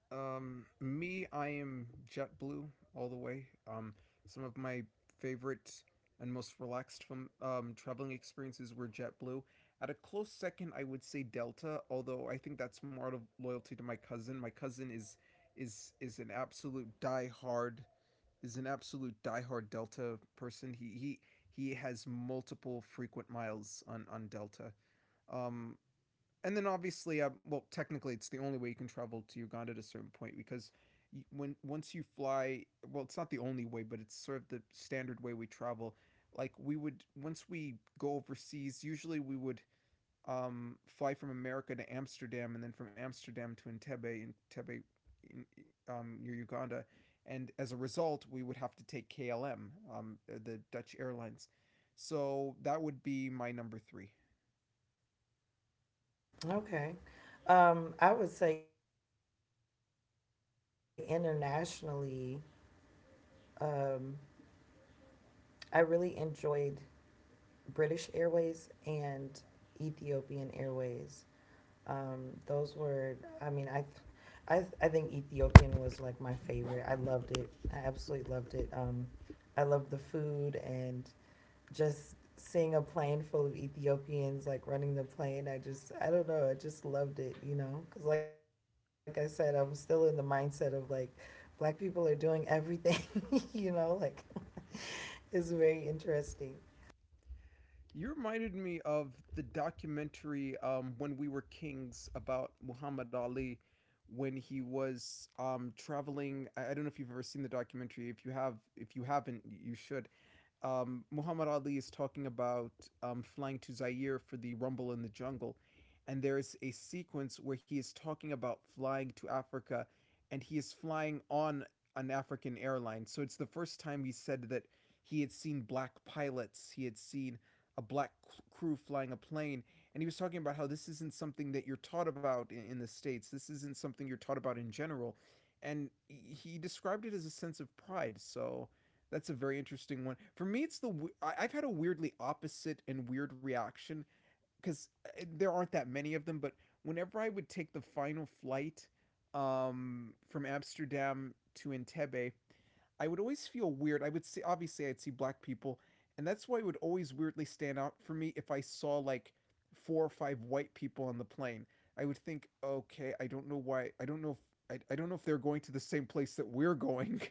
Me, I am JetBlue all the way. Some of my favorite and most relaxed from traveling experiences were JetBlue. At a close second, I would say Delta, although I think that's more out of loyalty to my cousin. My cousin is an absolute diehard Delta person. He has multiple frequent miles on Delta. Um, and then obviously, well, technically, it's the only way you can travel to Uganda at a certain point because when once you fly, well, it's not the only way, but it's sort of the standard way we travel. Like we would once we go overseas, usually we would fly from America to Amsterdam and then from Amsterdam to Entebbe, and Entebbe in, near Uganda, and as a result, we would have to take KLM, the Dutch Airlines. So that would be my number three. Okay, I would say internationally, um, I really enjoyed British Airways and Ethiopian Airways. Those were, I mean, I, th- I, th- I think Ethiopian was like my favorite. I loved it. I absolutely loved it. I loved the food and just seeing a plane full of Ethiopians like running the plane, I just I don't know, I just loved it, you know, because like I said, I'm still in the mindset of like black people are doing everything, you know, like it's very interesting. You reminded me of the documentary "When We Were Kings" about Muhammad Ali when he was traveling. I don't know if you've ever seen the documentary. If you have, if you haven't, you should. Muhammad Ali is talking about flying to Zaire for the Rumble in the Jungle. And there is a sequence where he is talking about flying to Africa and he is flying on an African airline. So it's the first time he said that he had seen black pilots, he had seen a black crew flying a plane. And he was talking about how this isn't something that you're taught about in the States, this isn't something you're taught about in general. And he described it as a sense of pride. So that's a very interesting one. For me, it's the I've had a weirdly opposite and weird reaction because there aren't that many of them. But whenever I would take the final flight from Amsterdam to Entebbe, I would always feel weird. I would see obviously I'd see black people, and that's why it would always weirdly stand out for me if I saw like four or five white people on the plane. I would think, okay, I don't know why. I don't know if I don't know if they're going to the same place that we're going.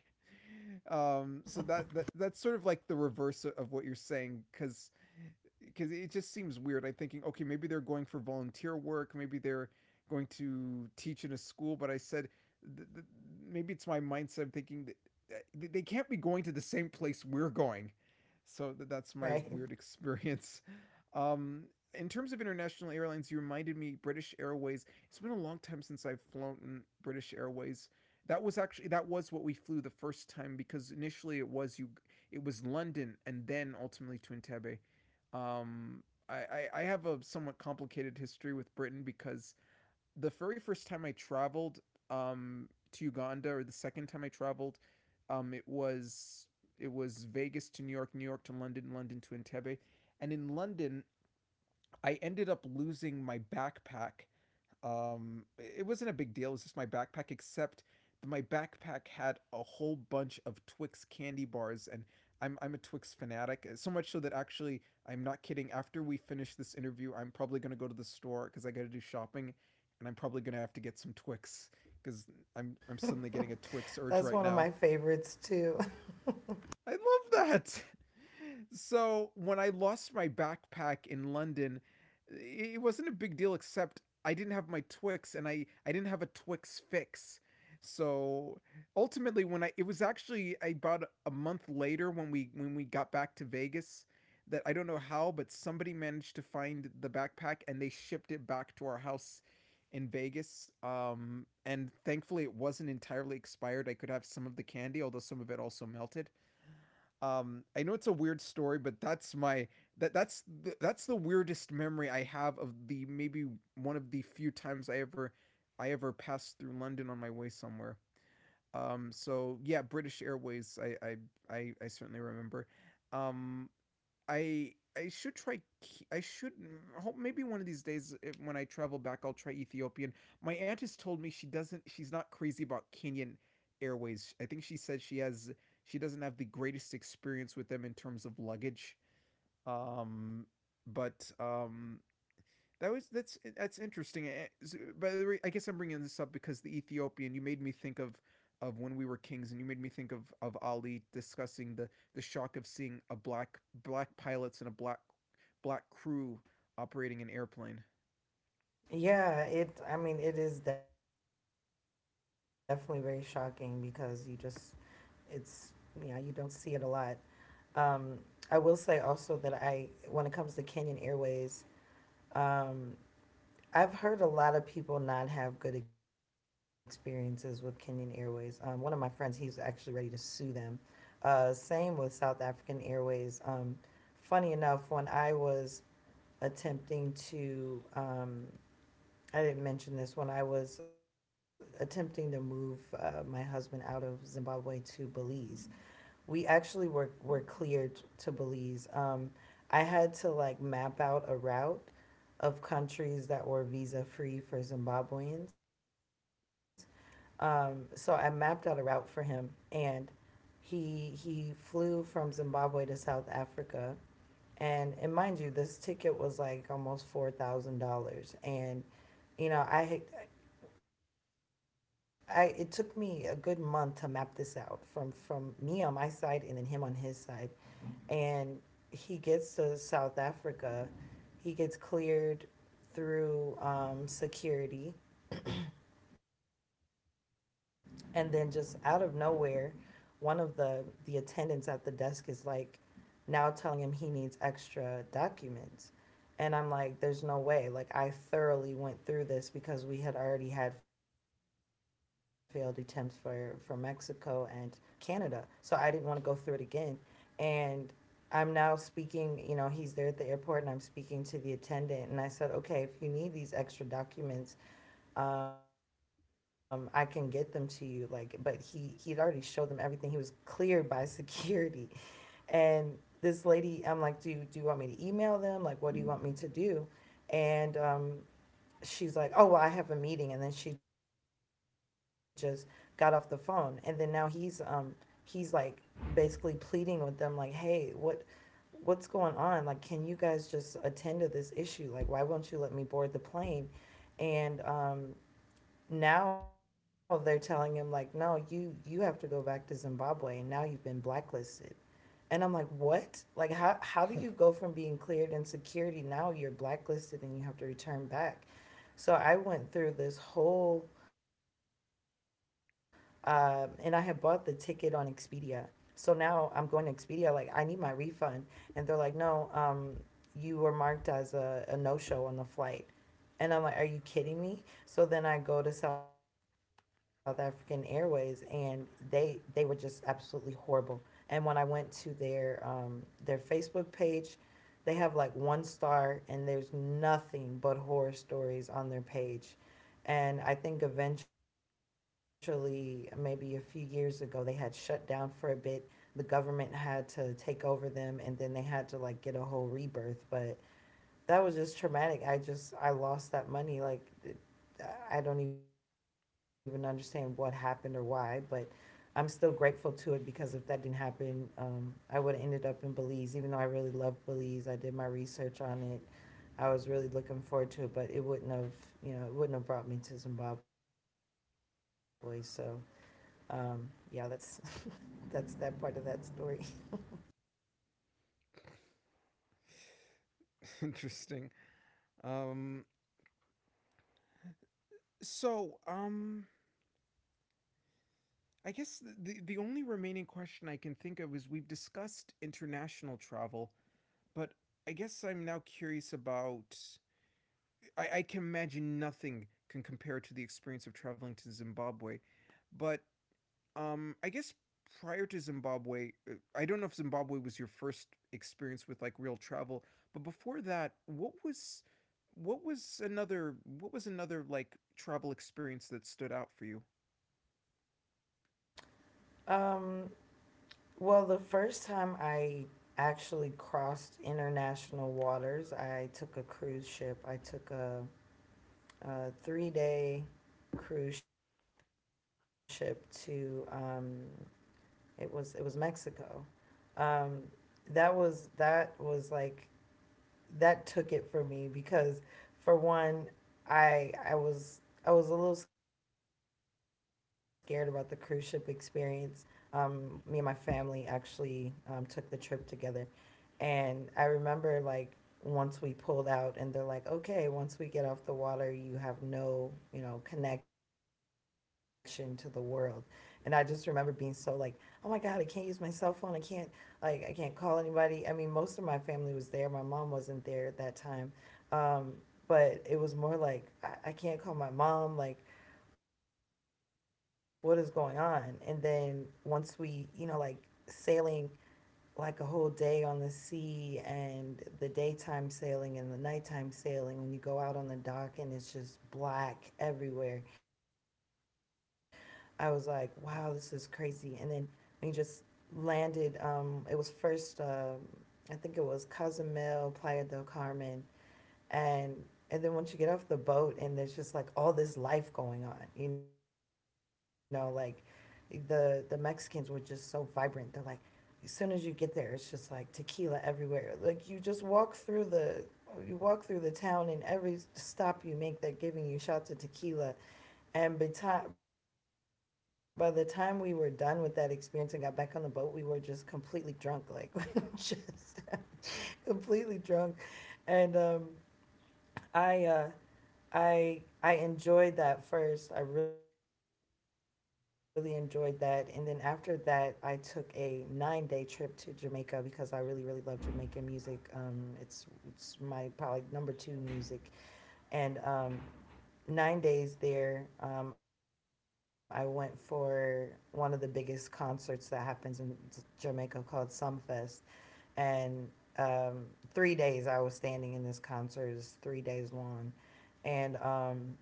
So that's sort of like the reverse of what you're saying because it just seems weird. I'm thinking, okay, maybe they're going for volunteer work, maybe they're going to teach in a school. But I said, th- th- maybe it's my mindset. I'm thinking that they can't be going to the same place we're going. So that's my weird Right. experience. Um, in terms of international airlines, you reminded me British Airways. It's been a long time since I've flown British Airways. That was actually that was what we flew the first time because initially it was London and then ultimately to Entebbe. Um, I have a somewhat complicated history with Britain because the very first time I traveled to Uganda, or the second time I traveled, um, it was it was Vegas to New York, New York to London, London to Entebbe, and in London I ended up losing my backpack, it wasn't a big deal. It was just my backpack, except my backpack had a whole bunch of Twix candy bars, and I'm a Twix fanatic. So much so that actually, I'm not kidding. After we finish this interview, I'm probably gonna go to the store because I got to do shopping, and I'm probably gonna have to get some Twix because I'm suddenly getting a Twix urge right That's one now. of my favorites too. I love that. So when I lost my backpack in London, it wasn't a big deal except I didn't have my Twix and I didn't have a Twix fix. So ultimately when I it was actually about a month later when we got back to Vegas, that I don't know how, but somebody managed to find the backpack and they shipped it back to our house in Vegas. And thankfully it wasn't entirely expired. I could have some of the candy, although some of it also melted. I know it's a weird story, but that's my that that's the weirdest memory I have of the, maybe one of the few times I ever passed through London on my way somewhere. So yeah, British Airways, I certainly remember. Um I I should try. I should hope maybe one of these days when I travel back, I'll try Ethiopian. My aunt has told me she doesn't. She's not crazy about Kenyan Airways. I think she said she has. She doesn't have the greatest experience with them in terms of luggage. Um, but that's interesting. By the way, I guess I'm bringing this up because the Ethiopian. You made me think of When We Were Kings, and you made me think of Ali discussing the shock of seeing a black pilots and a black crew operating an airplane. Yeah, it I mean it is definitely very shocking because you just it's yeah, you don't see it a lot. Um I will say also that I when it comes to Kenyan Airways, Um, I've heard a lot of people not have good experiences with Kenyan Airways. One of my friends, he's actually ready to sue them. Same with South African Airways. Funny enough, when I was attempting to, I didn't mention this, when I was attempting to move my husband out of Zimbabwe to Belize, we actually were cleared to Belize. I had to like map out a route of countries that were visa free for Zimbabweans. So I mapped out a route for him, and he flew from Zimbabwe to South Africa. And mind you, this ticket was like almost $4,000, and you know I it took me a good month to map this out from me on my side and then him on his side. And he gets to South Africa, he gets cleared through security, and then just out of nowhere, one of the attendants at the desk is like, now telling him he needs extra documents. And I'm like, there's no way. Like I thoroughly went through this because we had already had failed attempts for Mexico and Canada. So I didn't want to go through it again. And I'm now speaking, you know, he's there at the airport and I'm speaking to the attendant and I said, "Okay, if you need these extra documents, I can get them to you." Like but he he'd already showed them everything. He was cleared by security. And this lady, I'm like, do do you want me to email them? Like, what do you want me to do? And She's like, oh, well, I have a meeting. And then she just got off the phone. And then now he's like basically pleading with them, like, hey, what what's going on? Like, can you guys just attend to this issue? Like, why won't you let me board the plane? And Now they're telling him like, no, you have to go back to Zimbabwe, and now you've been blacklisted. And I'm like, what? Like, how do you go from being cleared in security now you're blacklisted and you have to return back? So I went through this whole, and I had bought the ticket on Expedia. So now I'm going to Expedia, like, I need my refund. And they're like, no, you were marked as a no show on the flight. And I'm like, are you kidding me? So then I go to South African Airways and they were just absolutely horrible. And when I went to their Facebook page, they have like one star and there's nothing but horror stories on their page. And I think eventually, maybe a few years ago, they had shut down for a bit. The government had to take over them and then they had to like get a whole rebirth. But that was just traumatic. I just I lost that money. Like I don't even understand what happened or why, but I'm still grateful to it because if that didn't happen, I would have ended up in Belize. Even though I really love Belize, I did my research on it. I was really looking forward to it, but it wouldn't have you know it wouldn't have brought me to Zimbabwe. So um, yeah, that's that part of that story. Interesting. Um, so, I guess the only remaining question I can think of is, we've discussed international travel, but I guess I'm now curious about. I can imagine nothing can compare to the experience of traveling to Zimbabwe, but I guess prior to Zimbabwe, I don't know if Zimbabwe was your first experience with like real travel, but before that, what was what was another like travel experience that stood out for you? Um, Well, the first time I actually crossed international waters, I took a cruise ship. I took a 3 day cruise ship to it was Mexico. Um, that was that was like that took it for me because for one, I was a little scared about the cruise ship experience. Me and my family actually took the trip together. And I remember like once we pulled out and they're like, okay, once we get off the water, you have no, you know, connection to the world. And I just remember being so like, oh my God, I can't use my cell phone. I can't, like, I can't call anybody. I mean, most of my family was there. My mom wasn't there at that time. Um, but it was more like, I can't call my mom. Like, what is going on? And then once we, you know, like sailing, like a whole day on the sea and the daytime sailing and the nighttime sailing when you go out on the dock and it's just black everywhere. I was like, wow, this is crazy. And then we just landed, I think it was Cozumel, Playa del Carmen, and and then once you get off the boat and there's just like all this life going on, you know, like the Mexicans were just so vibrant. They're like, as soon as you get there, it's just like tequila everywhere. Like you just walk through the you walk through the town and every stop you make they're giving you shots of tequila and by, the time we were done with that experience and got back on the boat we were just completely drunk like just completely drunk and i uh, I enjoyed that first. I really enjoyed that. And then after that, I took a 9-day trip to Jamaica because I really really love Jamaican music. It's my probably number 2 music. And 9 days there, I went for one of the biggest concerts that happens in Jamaica called Sumfest and um 3 days I was standing in this concert. It's 3 days long and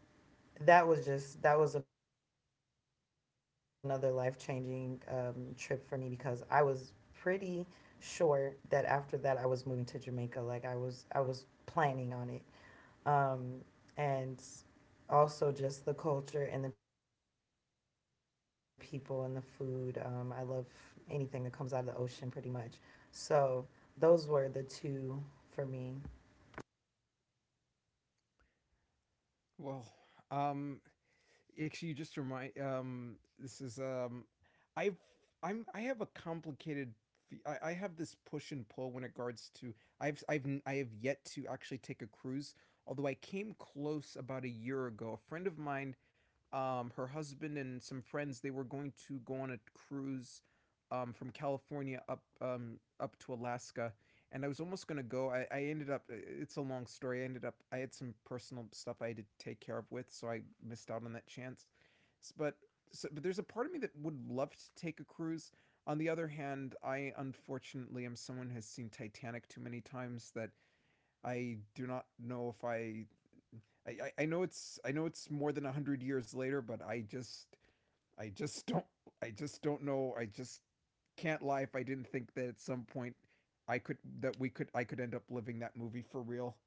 that was just that was another life changing trip for me because I was pretty sure that after that I was moving to Jamaica. Like I was planning on it, um, and also just the culture and the people and the food. I love anything that comes out of the ocean pretty much. So those were the two for me. Well, um, actually, you just remind. This is I've I have a complicated. I have this push and pull when it regards to I have yet to actually take a cruise. Although I came close about a year ago, a friend of mine, her husband and some friends, they were going to go on a cruise, from California up up to Alaska, and I was almost gonna go. I ended up. It's a long story. I ended up. I had some personal stuff I had to take care of with, so I missed out on that chance. But so, but there's a part of me that would love to take a cruise. On the other hand, I unfortunately am someone who has seen Titanic too many times, that I do not know if I I, I, know it's more than 100 years later, but I just don't I just don't know. I just can't lie if I didn't think that at some point I could end up living that movie for real.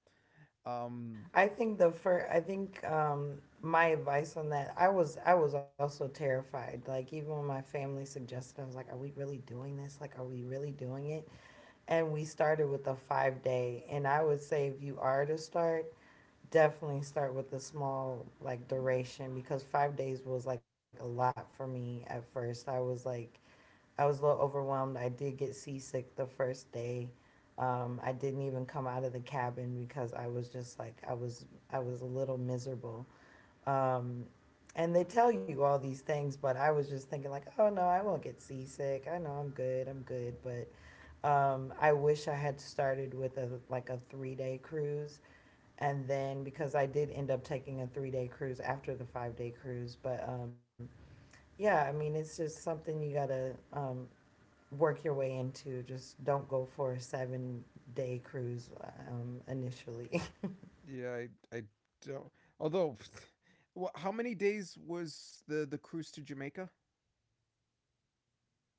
Um I think my advice on that, I was also terrified. Like even when my family suggested, I was like, "Are we really doing this? Like, are we really doing it?" And we started with a 5 day, and I would say if you are to start, definitely start with a small like duration because 5 days was like a lot for me at first. I was like, I was a little overwhelmed. I did get seasick the first day. I didn't even come out of the cabin because I was just like I was a little miserable. Um, and they tell you all these things, but I was just thinking like, oh no, I won't get seasick. I know I'm good. I'm good. But I wish I had started with a like a 3 day cruise, and then because I did end up taking a 3 day cruise after the 5 day cruise. But yeah, I mean, it's just something you gotta work your way into. Just don't go for a 7 day cruise initially. yeah, I don't. Although, well, how many days was the cruise to Jamaica?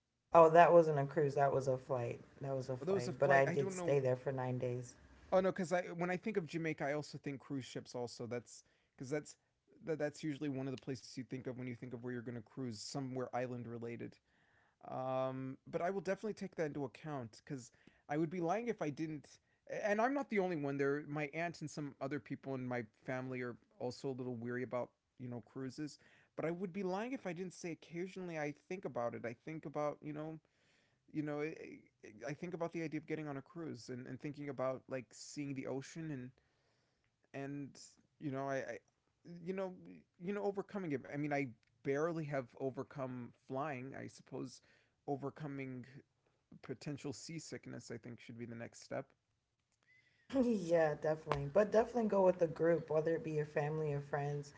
Oh, that wasn't a cruise. That was a flight. That was a Although it was a flight. But flight. I I did don't know. stay there for 9 days. Oh no, because I when I think of Jamaica, I also think cruise ships. Also, that's because that's usually one of the places you think of when you think of where you're going to cruise, somewhere island related. But I will definitely take that into account, because I would be lying if I didn't. And I'm not the only one. There, my aunt and some other people in my family are also a little weary about cruises. But I would be lying if I didn't say occasionally I think about it. I think about you know, I, the idea of getting on a cruise and thinking about like seeing the ocean and you know, I you know, you know, overcoming it. I mean, I barely have overcome flying. I suppose overcoming potential seasickness, I think, should be the next step. Yeah, definitely. But definitely go with a group, whether it be your family or friends.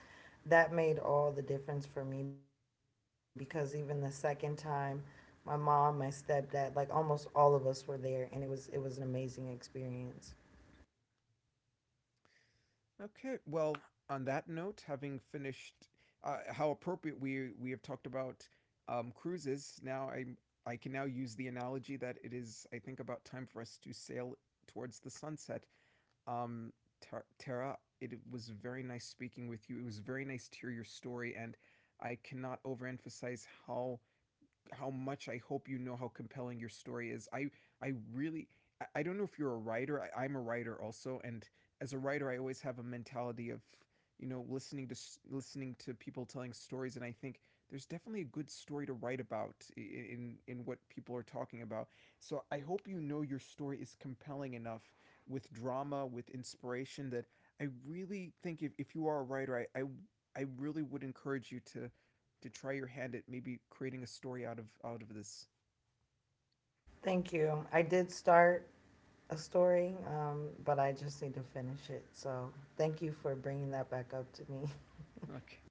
That made all the difference for me because even the second time, my mom, my stepdad, like almost all of us were there, and it was an amazing experience. Okay. Well, on that note, having finished, how appropriate, we have talked about cruises, now I can now use the analogy that it is, I think, about time for us to sail towards the sunset. Um, Tara, it was very nice speaking with you. It was very nice to hear your story, and I cannot overemphasize how much I hope you know how compelling your story is. I really don't know if you're a writer. I'm a writer also, and as a writer, I always have a mentality of you know listening to listening to people telling stories, and I think there's definitely a good story to write about in what people are talking about. So I hope you know your story is compelling enough, with drama, with inspiration, that I really think, if you are a writer, I really would encourage you to try your hand at maybe creating a story out of this. Thank you. I did start a story, but I just need to finish it. So thank you for bringing that back up to me. Okay.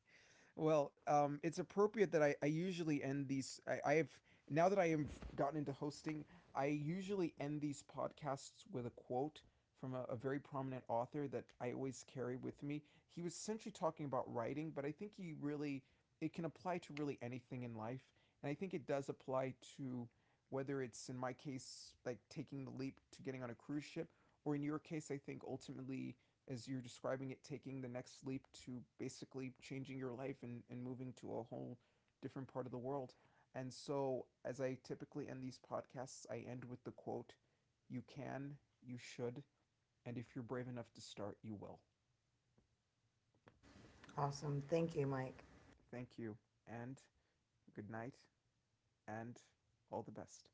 Well, it's appropriate that I usually end these. I have Now that I have gotten into hosting, I usually end these podcasts with a quote from a very prominent author that I always carry with me. He was essentially talking about writing, but I think he really it can apply to really anything in life, and I think it does apply to whether it's in my case, like taking the leap to getting on a cruise ship, or in your case, I think ultimately, as you're describing it, taking the next leap to basically changing your life and, moving to a whole different part of the world. And so, as I typically end these podcasts, I end with the quote: "You can, you should, and if you're brave enough to start, you will." Awesome. Thank you, Mike. Thank you, and good night, and all the best.